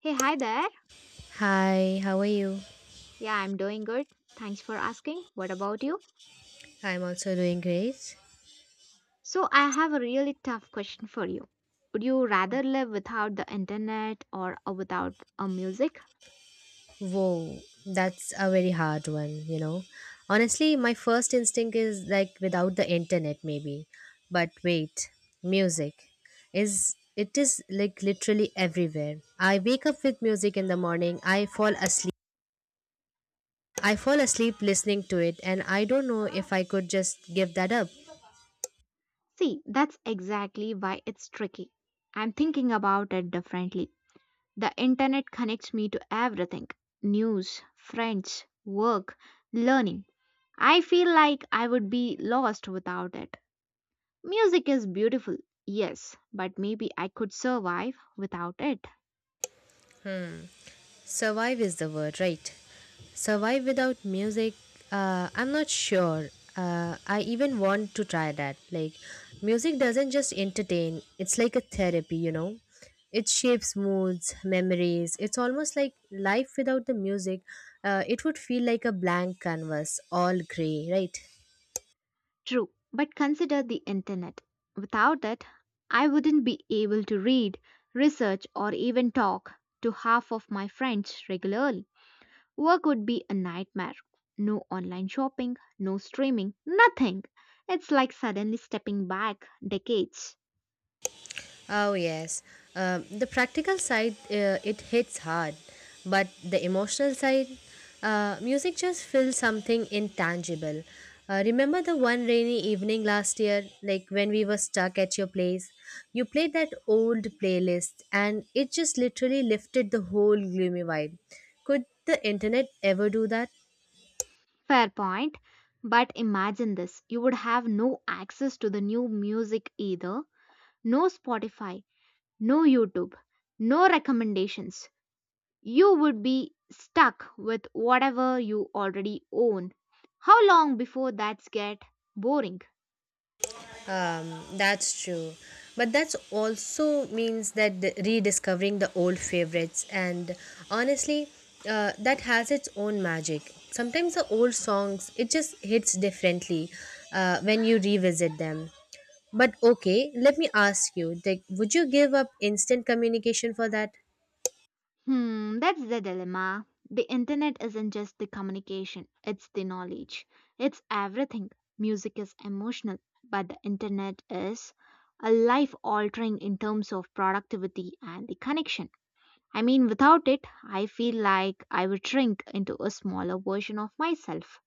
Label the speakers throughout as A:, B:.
A: Hey, hi there.
B: Hi, how are you?
A: Yeah, I'm doing good. Thanks for asking. What about you?
B: I'm also doing great.
A: So, I have a really tough question for you. Would you rather live without the internet or without a music?
B: Whoa, that's a very hard one, you know. Honestly, my first instinct is like without the internet, maybe. But wait, music is like literally everywhere. I wake up with music in the morning, I fall asleep listening to it, and I don't know if I could just give that up.
A: See, that's exactly why it's tricky. I'm thinking about it differently. The internet connects me to everything: news, friends, work, learning. I feel like I would be lost without it. Music is beautiful, yes, but maybe I could survive without it.
B: Survive is the word, right? Survive without music, I'm not sure. I even want to try that. Like, music doesn't just entertain, it's like a therapy, you know? It shapes moods, memories. It's almost like life without the music, it would feel like a blank canvas, all gray, right?
A: True, but consider the internet. Without it, I wouldn't be able to read, research, or even talk to half of my friends regularly. Work would be a nightmare. No online shopping, no streaming, nothing. It's like suddenly stepping back decades.
B: Oh yes. The practical side, it hits hard, but the emotional side, music just feels something intangible. Remember the one rainy evening last year, like when we were stuck at your place? You played that old playlist, and it just literally lifted the whole gloomy vibe. Could the internet ever do that?
A: Fair point. But imagine this: you would have no access to the new music either, no Spotify, no YouTube, no recommendations. You would be stuck with whatever you already own. How long before that gets boring?
B: That's true. But that's also means that rediscovering the old favorites, and honestly, that has its own magic. Sometimes the old songs it just hits differently when you revisit them. But okay, let me ask you: like, would you give up instant communication for that?
A: Hmm, that's the dilemma. The internet isn't just the communication, it's the knowledge. It's everything. Music is emotional, but the internet is a life altering in terms of productivity and the connection. I mean, without it, I feel like I would shrink into a smaller version of myself.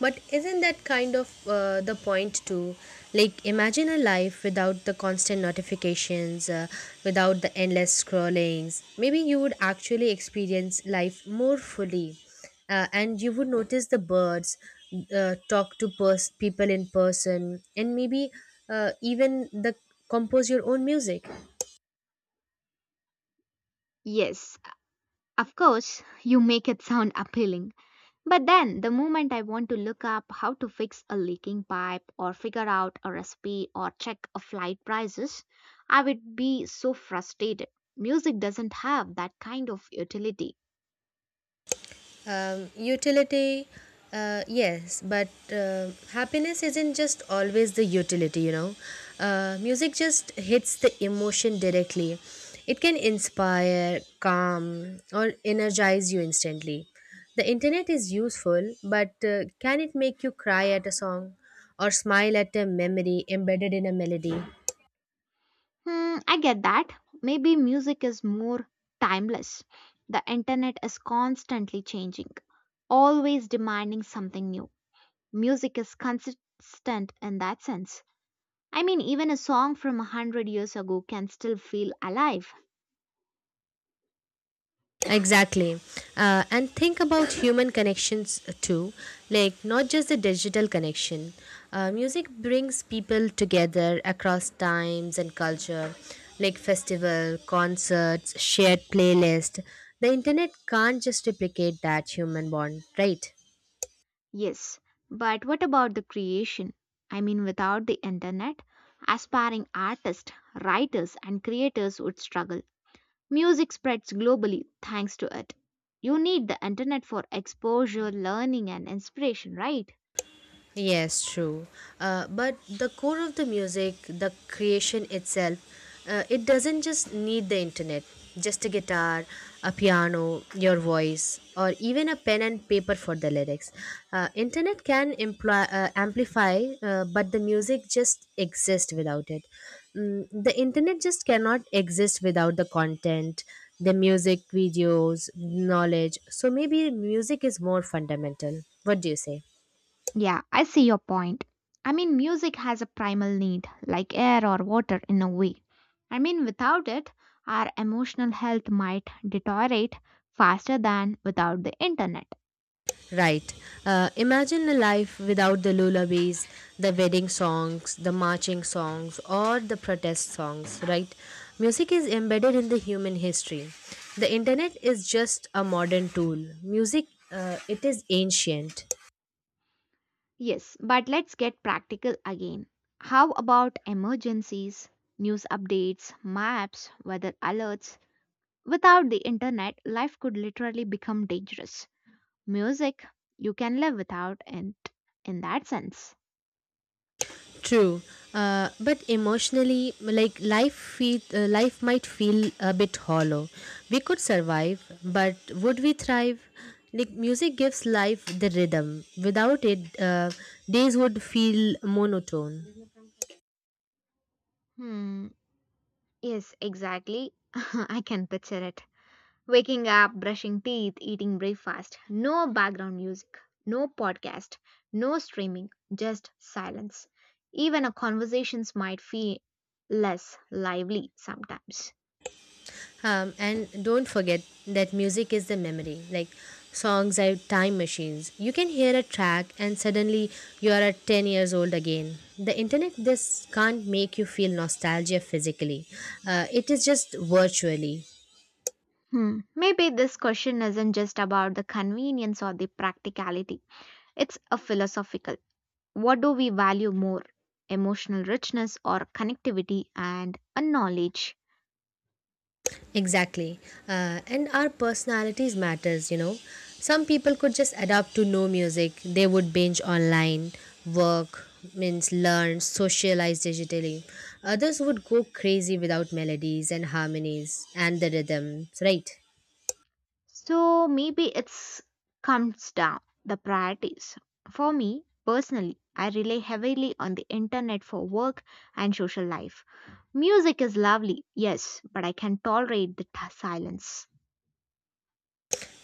B: But isn't that kind of the point too? Like, imagine a life without the constant notifications, without the endless scrollings. Maybe you would actually experience life more fully, and you would notice the birds, talk to people in person, and maybe even the compose your own music.
A: Yes, of course, you make it sound appealing. But then, the moment I want to look up how to fix a leaking pipe or figure out a recipe or check a flight prices, I would be so frustrated. Music doesn't have that kind of utility.
B: Utility, yes, but happiness isn't just always the utility, you know. Music just hits the emotion directly. It can inspire, calm, or energize you instantly. The internet is useful, but can it make you cry at a song or smile at a memory embedded in a melody?
A: Hmm, I get that. Maybe music is more timeless. The internet is constantly changing, always demanding something new. Music is consistent in that sense. I mean, even a song from a hundred years ago can still feel alive.
B: Exactly. And think about human connections too, like not just the digital connection. Music brings people together across times and culture, like festival, concerts, shared playlist. The internet can't just replicate that human bond, right?
A: Yes, but what about the creation? I mean, without the internet, aspiring artists, writers, and creators would struggle. Music spreads globally thanks to it. You need the internet for exposure, learning, and inspiration, right?
B: Yes, true. But the core of the music, the creation itself, it doesn't just need the internet, just a guitar, a piano, your voice, or even a pen and paper for the lyrics. Internet can amplify, but the music just exists without it. Mm, the internet just cannot exist without the content, the music, videos, knowledge. So maybe music is more fundamental. What do you say?
A: Yeah, I see your point. I mean, music has a primal need, like air or water in a way. I mean, without it, our emotional health might deteriorate faster than without the internet.
B: Right. Imagine a life without the lullabies, the wedding songs, the marching songs, or the protest songs, right? Music is embedded in the human history. The internet is just a modern tool. Music, it is ancient.
A: Yes, but let's get practical again. How about emergencies, news updates, maps, weather alerts? Without the internet, life could literally become dangerous. Music, you can live without it in that sense.
B: True, but emotionally, like life might feel a bit hollow. We could survive, but would we thrive? Like music gives life the rhythm. Without it, days would feel monotone.
A: Hmm. Yes, exactly. I can picture it. Waking up, brushing teeth, eating breakfast. No background music, no podcast, no streaming, just silence. Even our conversations might feel less lively sometimes.
B: And don't forget that music is the memory. Like songs are time machines. You can hear a track and suddenly you are at 10 years old again. The internet, this can't make you feel nostalgia physically, it is just virtually.
A: Hmm. Maybe this question isn't just about the convenience or the practicality. It's a philosophical. What do we value more? Emotional richness or connectivity and a knowledge?
B: Exactly. And our personalities matters, you know. Some people could just adapt to no music. They would binge online, work, means learn, socialize digitally. Others would go crazy without melodies and harmonies and the rhythms, right?
A: So maybe it's comes down the priorities. For me personally, I rely heavily on the internet for work and social life. Music is lovely, yes, but I can tolerate the silence.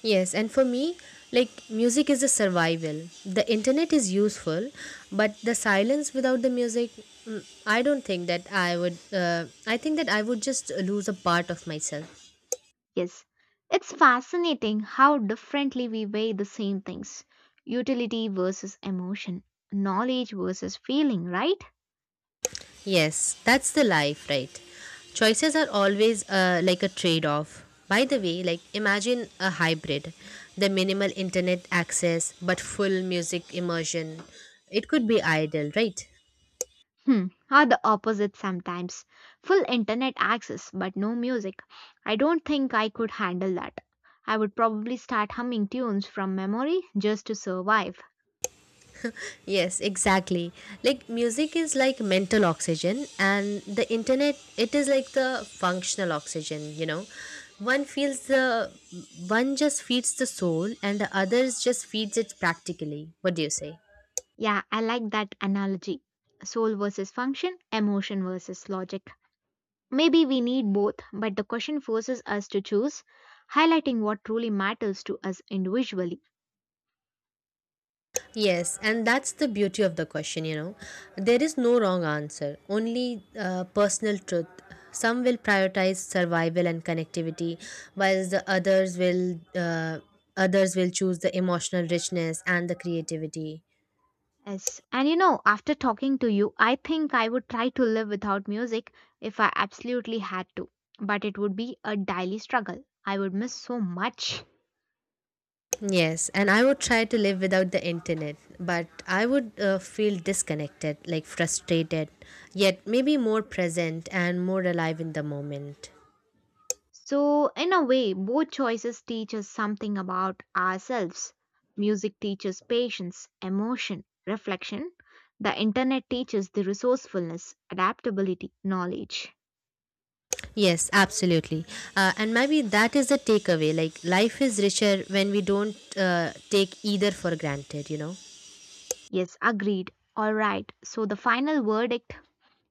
B: Yes, and for me, like music is a survival. The internet is useful, but the silence without the music, mm, I don't think that I would. I think that I would just lose a part of myself.
A: Yes. It's fascinating how differently we weigh the same things: utility versus emotion, knowledge versus feeling, right?
B: Yes, that's the life, right? Choices are always like a trade off. By the way, like imagine a hybrid, the minimal internet access but full music immersion. It could be ideal, right?
A: Hmm, are the opposite sometimes. Full internet access, but no music. I don't think I could handle that. I would probably start humming tunes from memory just to survive.
B: Yes, exactly. Like music is like mental oxygen and the internet it is like the functional oxygen, you know. One feels the One just feeds the soul and the others just feeds it practically. What do you say?
A: Yeah, I like that analogy. Soul versus function, emotion versus logic. Maybe we need both, but the question forces us to choose, highlighting what truly matters to us individually.
B: Yes, and that's the beauty of the question, you know. There is no wrong answer, only personal truth. Some will prioritize survival and connectivity, while the others will choose the emotional richness and the creativity.
A: Yes. And you know, after talking to you, I think I would try to live without music if I absolutely had to. But it would be a daily struggle. I would miss so much.
B: Yes, and I would try to live without the internet, but I would feel disconnected, like frustrated, yet maybe more present and more alive in the moment.
A: So, in a way, both choices teach us something about ourselves. Music teaches patience, emotion, reflection. The internet teaches the resourcefulness, adaptability, knowledge.
B: Yes, absolutely. And maybe that is the takeaway. Like, life is richer when we don't take either for granted, you know.
A: Yes, agreed. All right. So, the final verdict: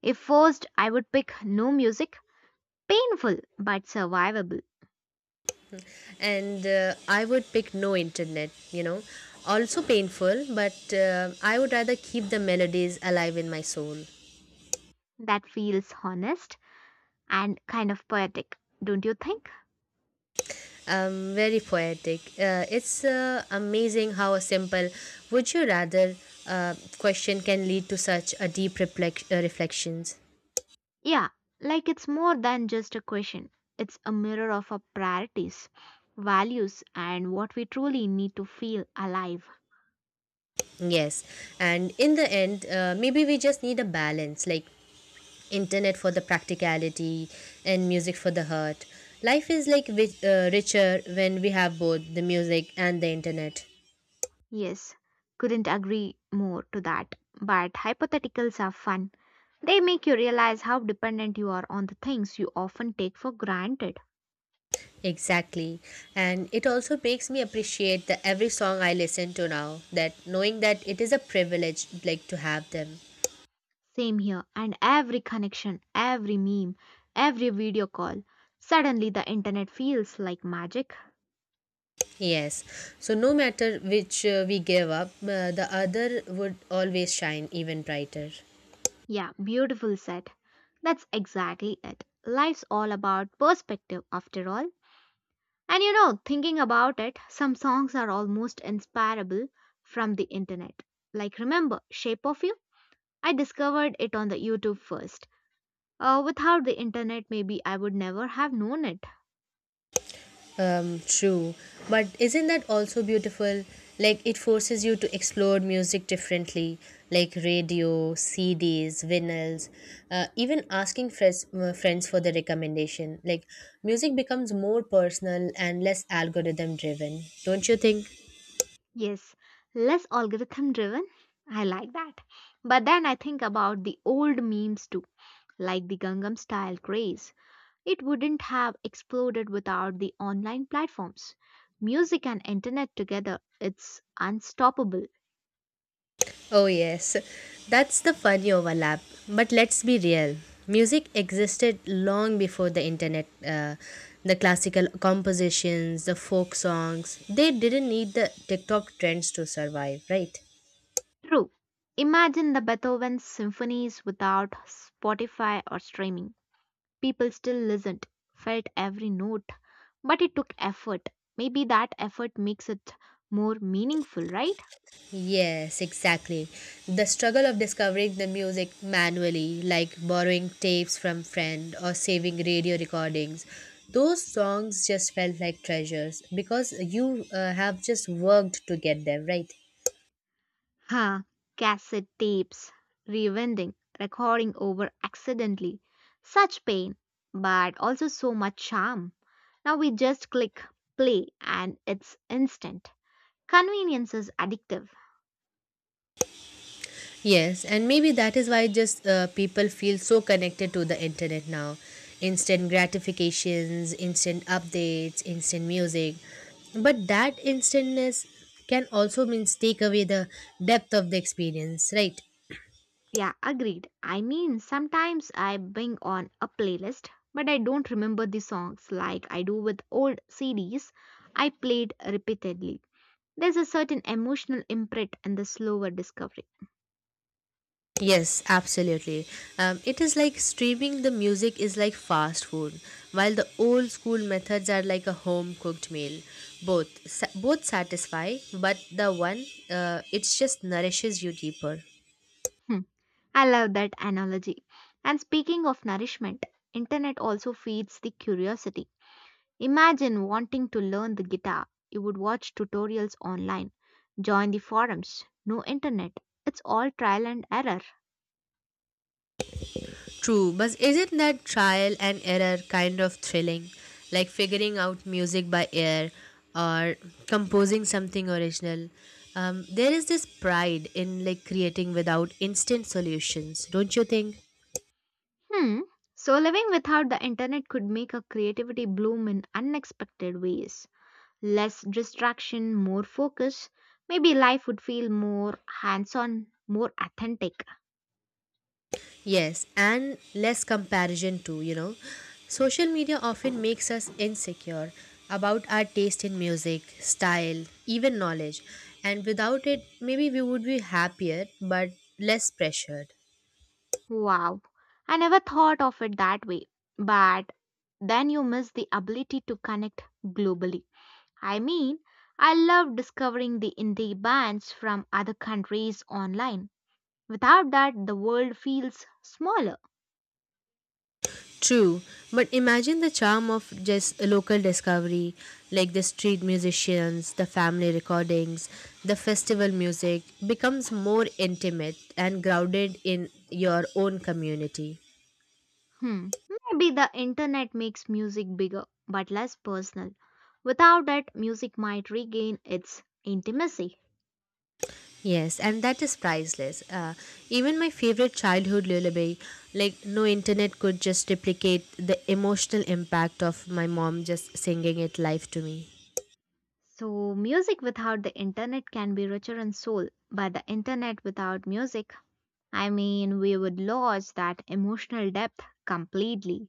A: if forced, I would pick no music. Painful but survivable.
B: And I would pick no internet, you know. Also painful, but I would rather keep the melodies alive in my soul.
A: That feels honest and kind of poetic, don't you think?
B: Very poetic. It's amazing how a simple would you rather question can lead to such a deep reflections.
A: Yeah, like it's more than just a question, it's a mirror of our priorities, values, and what we truly need to feel alive.
B: Yes. And in the end, maybe we just need a balance. Like, internet for the practicality and music for the heart, life is like richer when we have both the music and the internet.
A: Yes, couldn't agree more to that. But hypotheticals are fun. They make you realize how dependent you are on the things you often take for granted.
B: Exactly, and it also makes me appreciate the every song I listen to now, that knowing that it is a privilege like to have them.
A: Same here. And every connection, every meme, every video call, suddenly the internet feels like magic.
B: Yes, so no matter which we give up, the other would always shine even brighter.
A: Yeah, beautiful said. That's exactly it. Life's all about perspective, after all. And you know, thinking about it, some songs are almost inspirable from the internet. Like, remember Shape of You? I discovered it on the YouTube first. Without the internet, maybe I would never have known it.
B: True. But isn't that also beautiful? Like it forces you to explore music differently, like radio, CDs, vinyls, uh, even asking friends for the recommendation. Like music becomes more personal and less algorithm driven, don't you think?
A: Yes, less algorithm driven. I like that. But then I think about the old memes too, like the Gangnam style craze. It wouldn't have exploded without the online platforms. Music and internet together, it's unstoppable.
B: Oh, yes, that's the funny overlap. But let's be real, music existed long before the internet. The classical compositions, the folk songs, they didn't need the TikTok trends to survive, right?
A: True. Imagine the Beethoven symphonies without Spotify or streaming. People still listened, felt every note, but it took effort. Maybe that effort makes it more meaningful, right?
B: Yes, exactly. The struggle of discovering the music manually, like borrowing tapes from friend or saving radio recordings, those songs just felt like treasures because you have just worked to get them, right?
A: Huh? Cassette tapes, rewinding, recording over accidentally. Such pain, but also so much charm. Now we just click play and it's instant. Convenience is addictive.
B: Yes, and maybe that is why just people feel so connected to the internet now. Instant gratifications, instant updates, instant music. But that instantness can also means take away the depth of the experience, right?
A: Yeah, agreed. I mean, sometimes I bring on a playlist, but I don't remember the songs like I do with old CDs I played repeatedly. There's a certain emotional imprint in the slower discovery.
B: Yes, absolutely. It is like streaming the music is like fast food, while the old school methods are like a home cooked meal. Both satisfy, but the one it just nourishes you deeper.
A: I love that analogy. And speaking of nourishment, internet also feeds the curiosity. Imagine wanting to learn the guitar. You would watch tutorials online, join the forums. No internet, it's all trial and error.
B: True, but isn't that trial and error kind of thrilling? Like figuring out music by ear or composing something original. There is this pride in like creating without instant solutions, don't you think?
A: Hmm. So living without the internet could make our creativity bloom in unexpected ways. Less distraction, more focus. Maybe life would feel more hands-on, more authentic.
B: Yes, and less comparison too, you know. Social media often makes us insecure about our taste in music, style, even knowledge. And without it, maybe we would be happier but less pressured.
A: Wow, I never thought of it that way. But then you miss the ability to connect globally. I mean, I love discovering the indie bands from other countries online. Without that, the world feels smaller.
B: True, but imagine the charm of just a local discovery, like the street musicians, the family recordings, the festival music becomes more intimate and grounded in your own community.
A: Hmm, maybe the internet makes music bigger but less personal. Without it, music might regain its intimacy.
B: Yes, and that is priceless. Even my favorite childhood lullaby, like no internet could just replicate the emotional impact of my mom just singing it live to me.
A: So, music without the internet can be richer in soul, but the internet without music, I mean, we would lose that emotional depth completely.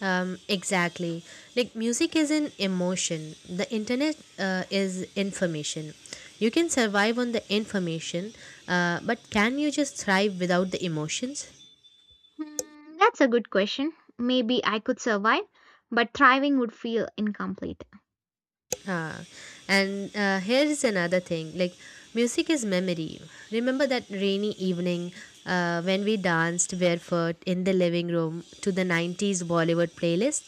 B: Exactly. Like music is an emotion. The internet is information. You can survive on the information, but can you just thrive without the emotions?
A: Hmm, that's a good question. Maybe I could survive, but thriving would feel incomplete.
B: Uh, and here is another thing. Like music is memory. Remember that rainy evening when we danced barefoot in the living room to the '90s Bollywood playlist.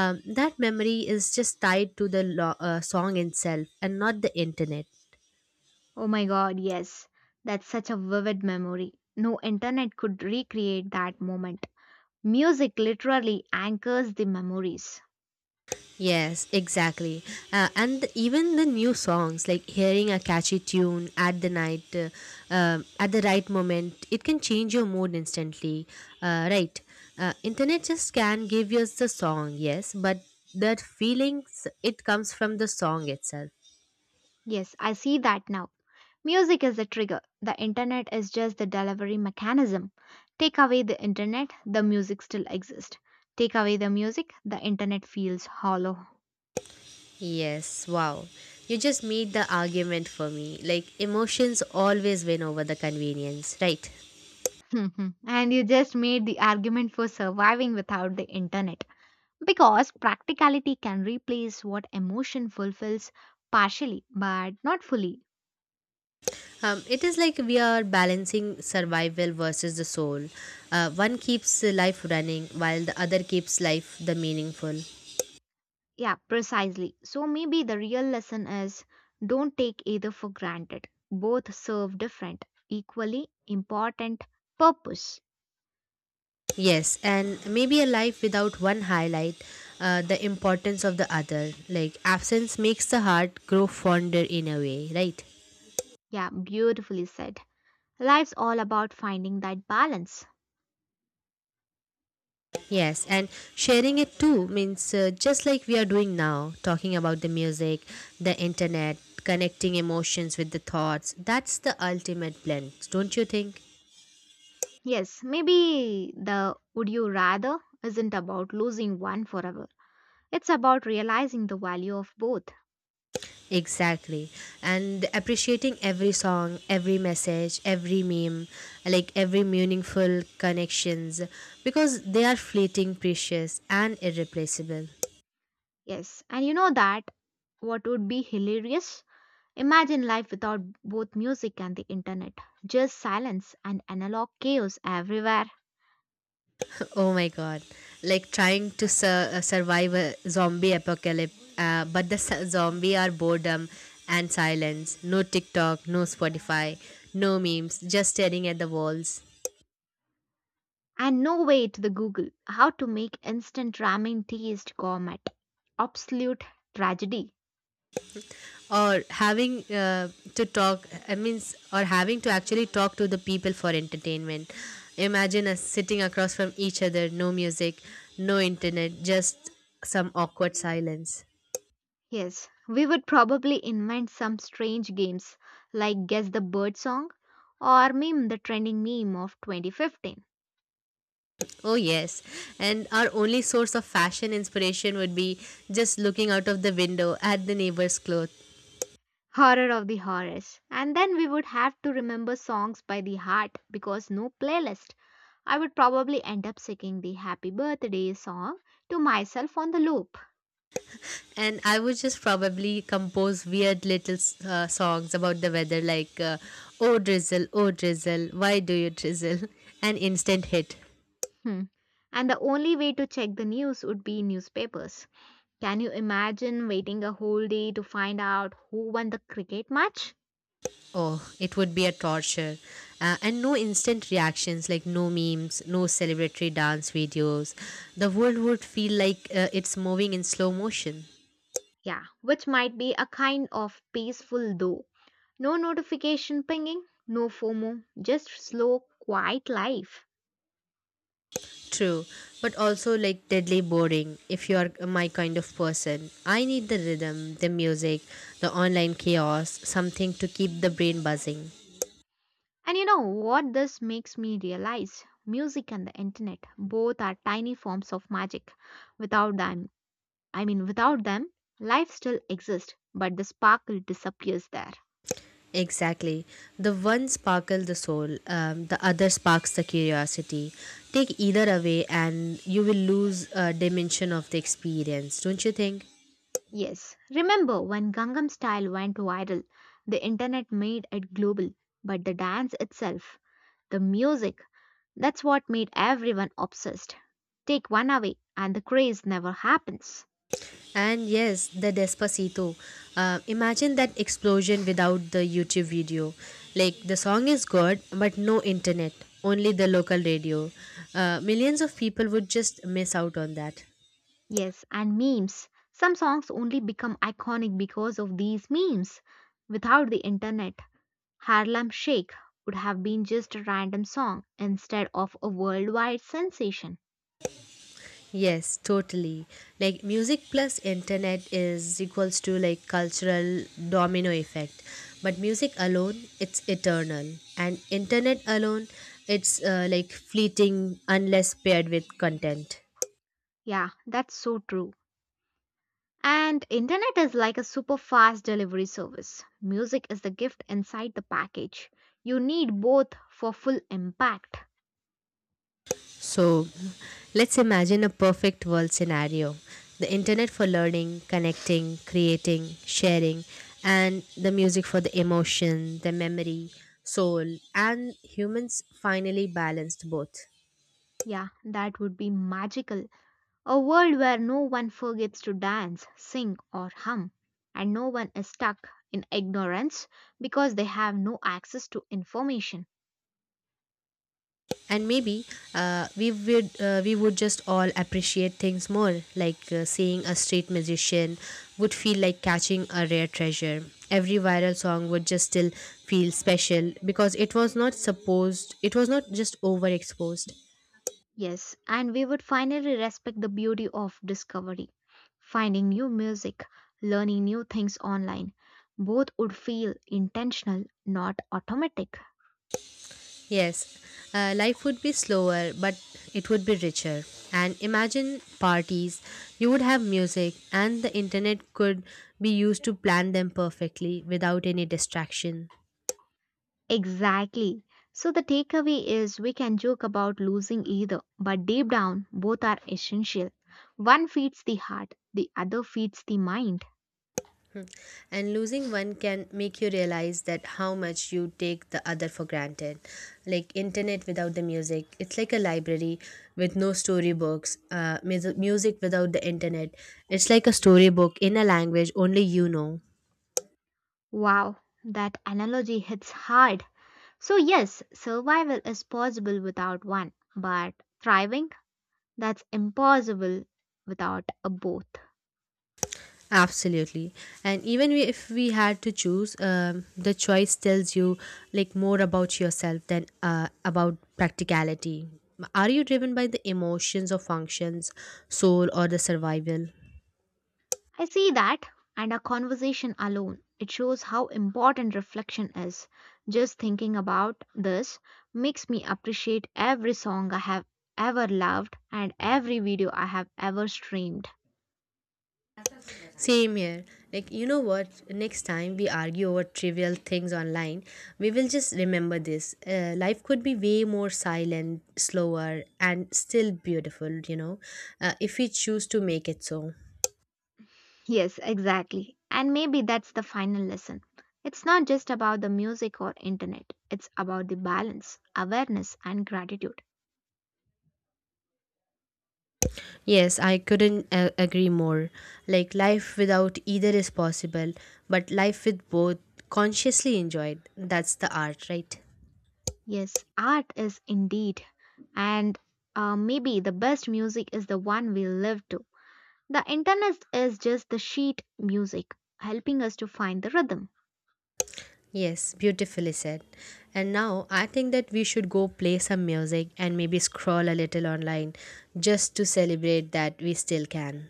B: That memory is just tied to the song itself and not the internet.
A: Oh my god, yes. That's such a vivid memory. No internet could recreate that moment. Music literally anchors the memories.
B: Yes, exactly. And even the new songs, like hearing a catchy tune at the night, at the right moment, it can change your mood instantly. Right. Internet just can give you the song, yes, but that feelings, it comes from the song itself.
A: Yes, I see that now. Music is the trigger. The internet is just the delivery mechanism. Take away the internet, the music still exists. Take away the music, the internet feels hollow.
B: Yes, wow. You just made the argument for me. Like, emotions always win over the convenience, right?
A: And you just made the argument for surviving without the internet. Because practicality can replace what emotion fulfills partially but not fully.
B: It is like we are balancing survival versus the soul. One keeps life running while the other keeps life the meaningful.
A: Yeah, precisely. So maybe the real lesson is don't take either for granted. Both serve different, equally important purpose.
B: Yes, and maybe a life without one highlight the importance of the other. Like absence makes the heart grow fonder in a way, right?
A: Yeah, beautifully said. Life's all about finding that balance.
B: Yes, and sharing it too means just like we are doing now, talking about the music, the internet, connecting emotions with the thoughts. That's the ultimate blend, don't you think?
A: Yes, maybe the would you rather isn't about losing one forever. It's about realizing the value of both.
B: Exactly. And appreciating every song, every message, every meme, like every meaningful connections because they are fleeting, precious and irreplaceable.
A: Yes, and you know that what would be hilarious? Imagine life without both music and the internet. Just silence and analog chaos everywhere.
B: Oh my god. Like trying to survive a zombie apocalypse, but the zombie are boredom and silence. No TikTok, no Spotify, no memes, just staring at the walls.
A: And no way to the Google how to make instant ramen taste gourmet. Absolute tragedy.
B: Or having to talk, I mean, or having to actually talk to the people for entertainment. Imagine us sitting across from each other, no music, no internet, just some awkward silence.
A: Yes, we would probably invent some strange games like Guess the Bird Song or Meme the Trending Meme of 2015.
B: Oh yes, and our only source of fashion inspiration would be just looking out of the window at the neighbor's clothes.
A: Horror of the horrors. And then we would have to remember songs by the heart because no playlist. I would probably end up singing the happy birthday song to myself on the loop.
B: And I would just probably compose weird little songs about the weather, like oh drizzle, oh drizzle, why do you drizzle? An instant hit.
A: Hmm. And the only way to check the news would be newspapers. Can you imagine waiting a whole day to find out who won the cricket match?
B: Oh, it would be a torture. And no instant reactions, like no memes, no celebratory dance videos. The world would feel like it's moving in slow motion.
A: Yeah, which might be a kind of peaceful though. No notification pinging, no FOMO, just slow, quiet life.
B: True, but also like deadly boring if you are my kind of person. I need the rhythm, the music, the online chaos, something to keep the brain buzzing.
A: And you know what this makes me realize? Music and the internet both are tiny forms of magic. Without them, I mean, without them, life still exists, but the sparkle disappears there.
B: Exactly. The one sparkles the soul, the other sparks the curiosity. Take either away, and you will lose a dimension of the experience, don't you think?
A: Yes, remember when Gangnam Style went viral, the internet made it global, but the dance itself, the music, that's what made everyone obsessed. Take one away, and the craze never happens.
B: And yes, the Despacito. Imagine that explosion without the YouTube video. Like, the song is good, but no internet, only the local radio. Millions of people would just miss out on that.
A: Yes, and memes. Some songs only become iconic because of these memes. Without the internet, Harlem Shake would have been just a random song instead of a worldwide sensation.
B: Yes, totally. Like music plus internet is equals to like cultural domino effect. But music alone, it's eternal. And internet alone, it's like fleeting unless paired with content.
A: Yeah, that's so true. And internet is like a super fast delivery service. Music is the gift inside the package. You need both for full impact.
B: So let's imagine a perfect world scenario. The internet for learning, connecting, creating, sharing, and the music for the emotion, the memory, soul, and humans finally balanced both.
A: Yeah, that would be magical. A world where no one forgets to dance, sing, or hum, and no one is stuck in ignorance because they have no access to information.
B: And maybe we would just all appreciate things more, like seeing a street magician would feel like catching a rare treasure. Every viral song would just still feel special because it was not supposed, it was not just overexposed.
A: Yes, and we would finally respect the beauty of discovery. Finding new music, learning new things online, both would feel intentional, not automatic.
B: Yes, life would be slower, but it would be richer. And imagine parties, you would have music and the internet could be used to plan them perfectly without any distraction.
A: Exactly. So the takeaway is we can joke about losing either, but deep down, both are essential. One feeds the heart, the other feeds the mind.
B: And losing one can make you realize that how much you take the other for granted. Like internet without the music, it's like a library with no storybooks. Music without the internet, it's like a storybook in a language only you know.
A: Wow, that analogy hits hard. So, yes, survival is possible without one, but thriving, that's impossible without a both.
B: Absolutely. And even we, if we had to choose, the choice tells you like more about yourself than about practicality. Are you driven by the emotions or functions, soul or the survival?
A: I see that, and a conversation alone, it shows how important reflection is. Just thinking about this makes me appreciate every song I have ever loved and every video I have ever streamed.
B: Same here. Like, you know what? Next time we argue over trivial things online, we will just remember this. Life could be way more silent, slower, and still beautiful, you know, if we choose to make it so.
A: Yes, exactly. And maybe that's the final lesson. It's not just about the music or internet, it's about the balance, awareness, and gratitude.
B: Yes, I couldn't agree more. Like, life without either is possible, but life with both consciously enjoyed. That's the art, right?
A: Yes, art is indeed. And maybe the best music is the one we live to. The internet is just the sheet music, helping us to find the rhythm.
B: Yes, beautifully said. And now I think that we should go play some music and maybe scroll a little online just to celebrate that we still can.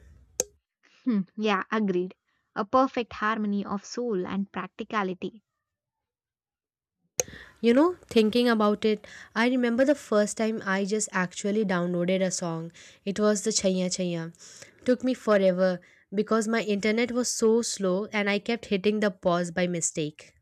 A: Yeah, agreed. A perfect harmony of soul and practicality.
B: You know, thinking about it, I remember the first time I just actually downloaded a song. It was the Chaiya Chaiya. Took me forever because my internet was so slow and I kept hitting the pause by mistake.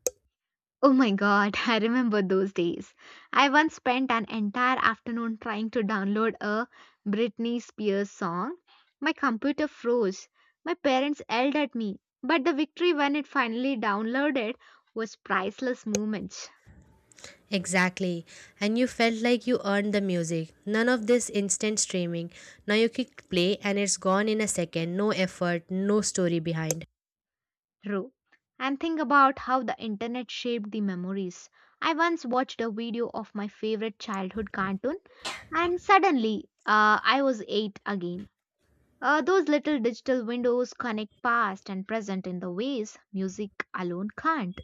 A: Oh my god, I remember those days. I once spent an entire afternoon trying to download a Britney Spears song. My computer froze. My parents yelled at me. But the victory when it finally downloaded was priceless moment.
B: Exactly. And you felt like you earned the music. None of this instant streaming. Now you click play and it's gone in a second. No effort, no story behind.
A: True. And think about how the internet shaped the memories. I once watched a video of my favorite childhood cartoon, and suddenly I was eight again. Those little digital windows connect past and present in the ways music alone can't.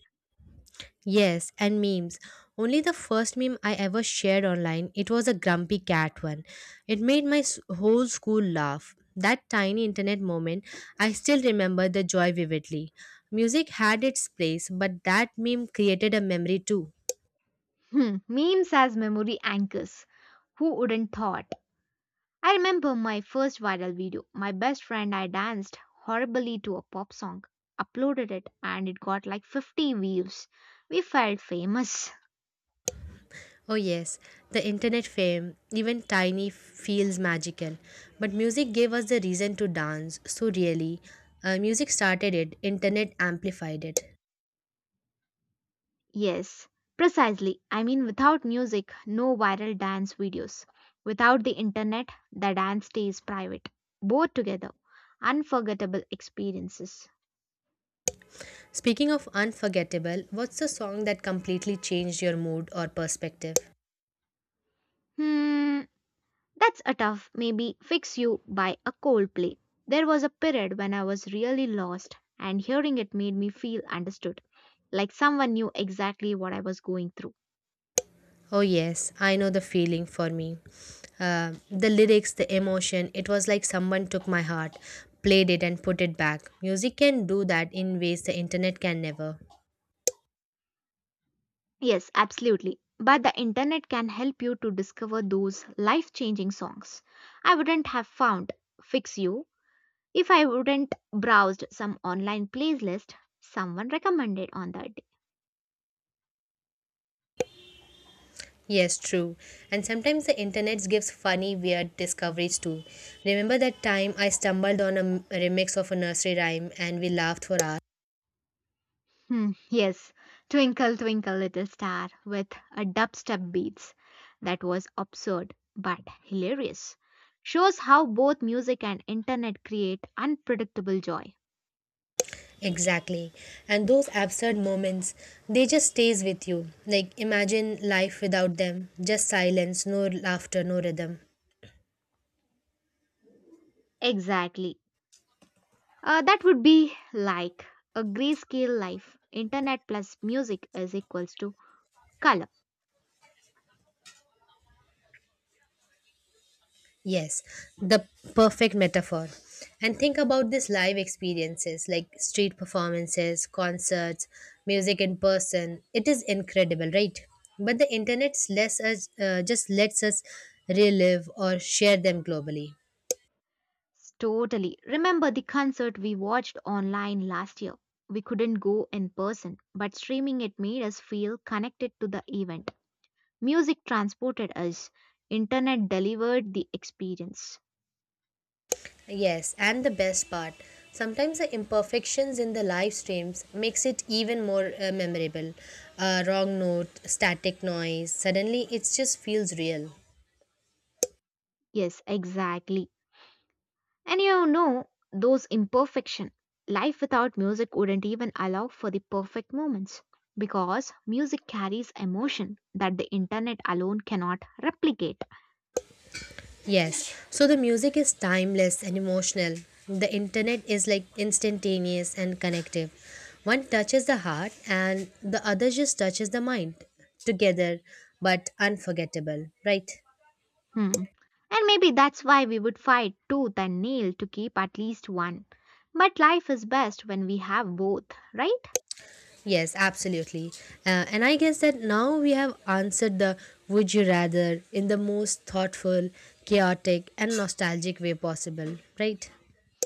B: Yes, and memes. Only the first meme I ever shared online, it was a grumpy cat one. It made my whole school laugh. That tiny internet moment, I still remember the joy vividly. Music had its place, but that meme created a memory too.
A: Memes as memory anchors. Who wouldn't thought? I remember my first viral video. My best friend I danced horribly to a pop song, uploaded it, and it got like 50 views. We felt famous.
B: Oh, yes, the internet fame, even tiny feels magical. But music gave us the reason to dance, so really, music started it, internet amplified it.
A: Yes, precisely. I mean, without music, no viral dance videos. Without the internet, the dance stays private. Both together, unforgettable experiences.
B: Speaking of unforgettable, what's the song that completely changed your mood or perspective?
A: Hmm, that's a tough maybe fix you by a Coldplay. There was a period when I was really lost, and hearing it made me feel understood, like someone knew exactly what I was going through.
B: Oh, yes, I know the feeling for me. The lyrics, the emotion, it was like someone took my heart, played it, and put it back. Music can do that in ways the internet can never.
A: Yes, absolutely. But the internet can help you to discover those life changing songs. I wouldn't have found Fix You if I wouldn't browsed some online playlist someone recommended on that day.
B: Yes, true. And sometimes the internet gives funny, weird discoveries too. Remember that time I stumbled on a remix of a nursery rhyme and we laughed for hours?
A: Yes, Twinkle Twinkle Little Star with a dubstep beats. That was absurd but hilarious. Shows how both music and internet create unpredictable joy.
B: Exactly. And those absurd moments, they just stays with you. Like imagine life without them, just silence, no laughter, no rhythm.
A: Exactly. That would be like a grayscale life. Internet plus music is equals to color.
B: Yes, the perfect metaphor. And think about these live experiences like street performances, concerts, music in person. It is incredible, right? But the internet lets us, just lets us relive or share them globally.
A: Totally. Remember the concert we watched online last year? We couldn't go in person, but streaming it made us feel connected to the event. Music transported us. Internet delivered the experience.
B: Yes, and the best part, sometimes the imperfections in the live streams makes it even more memorable. A wrong note, static noise, suddenly it just feels real.
A: Yes, exactly. And you know, those imperfection. Life without music wouldn't even allow for the perfect moments because music carries emotion that the internet alone cannot replicate.
B: Yes, so the music is timeless and emotional. The internet is like instantaneous and connective. One touches the heart and the other just touches the mind. Together, but unforgettable, right?
A: Hmm. And maybe that's why we would fight tooth and nail to keep at least one. But life is best when we have both, right?
B: Yes, absolutely. And I guess that now we have answered the would you rather in the most thoughtful, chaotic, and nostalgic way possible, right?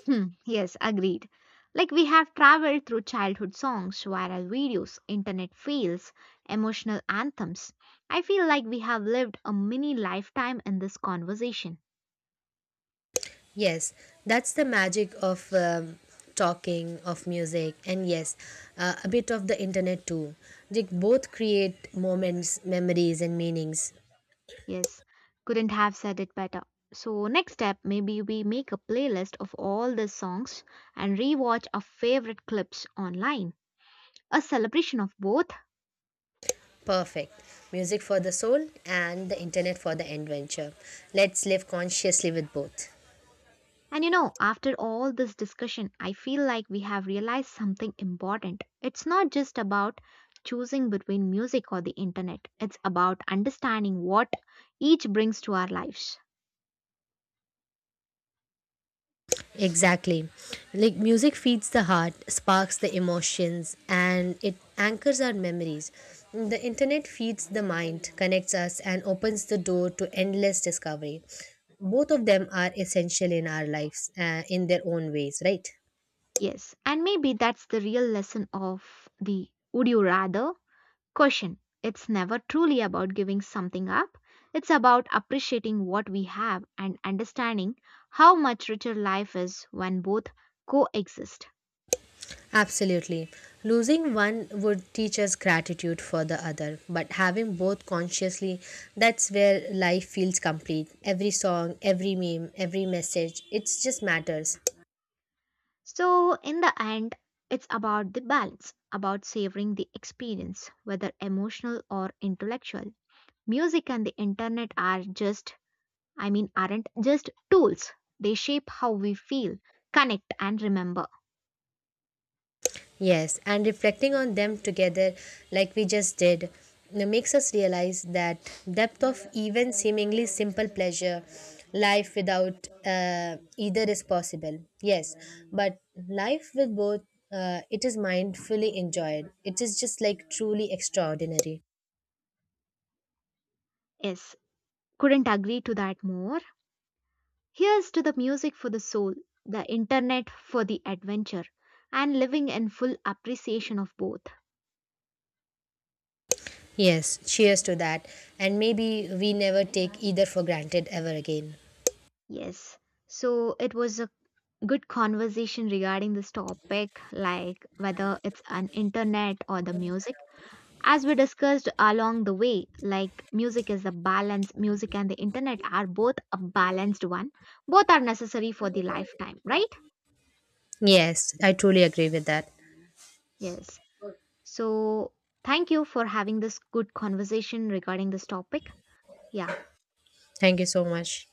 A: Yes, agreed. Like we have traveled through childhood songs, viral videos, internet fails, emotional anthems. I feel like we have lived a mini lifetime in this conversation.
B: Yes, that's the magic of talking, of music, and yes, a bit of the internet too. They both create moments, memories, and meanings.
A: Yes, couldn't have said it better. So, next step, maybe we make a playlist of all the songs and rewatch our favorite clips online. A celebration of both.
B: Perfect. Music for the soul and the internet for the adventure. Let's live consciously with both.
A: And you know, after all this discussion, I feel like we have realized something important. It's not just about choosing between music or the internet, it's about understanding what each brings to our lives.
B: Exactly. Like music feeds the heart, sparks the emotions, and it anchors our memories. The internet feeds the mind, connects us, and opens the door to endless discovery. Both of them are essential in our lives in their own ways, right?
A: Yes, and maybe that's the real lesson of the would you rather question. It's never truly about giving something up, it's about appreciating what we have and understanding how much richer life is when both coexist.
B: Absolutely. Losing one would teach us gratitude for the other, but having both consciously, that's where life feels complete. Every song, every meme, every message, it just matters.
A: So, in the end, it's about the balance, about savoring the experience, whether emotional or intellectual. Music and the internet are aren't just tools. They shape how we feel, connect, and remember.
B: Yes, and reflecting on them together, like we just did, it makes us realize that depth of even seemingly simple pleasure, life without either is possible. Yes, but life with both, it is mindfully enjoyed. It is just like truly extraordinary.
A: Yes, couldn't agree to that more. Here's to the music for the soul, the internet for the adventure, and living in full appreciation of both.
B: Yes, cheers to that. And maybe we never take either for granted ever again.
A: Yes. So it was a good conversation regarding this topic, like whether it's an internet or the music. As we discussed along the way, like music is a balance, music and the internet are both a balanced one. Both are necessary for the lifetime, right?
B: Yes, I truly agree with that.
A: Yes. So, thank you for having this good conversation regarding this topic. Yeah.
B: Thank you so much.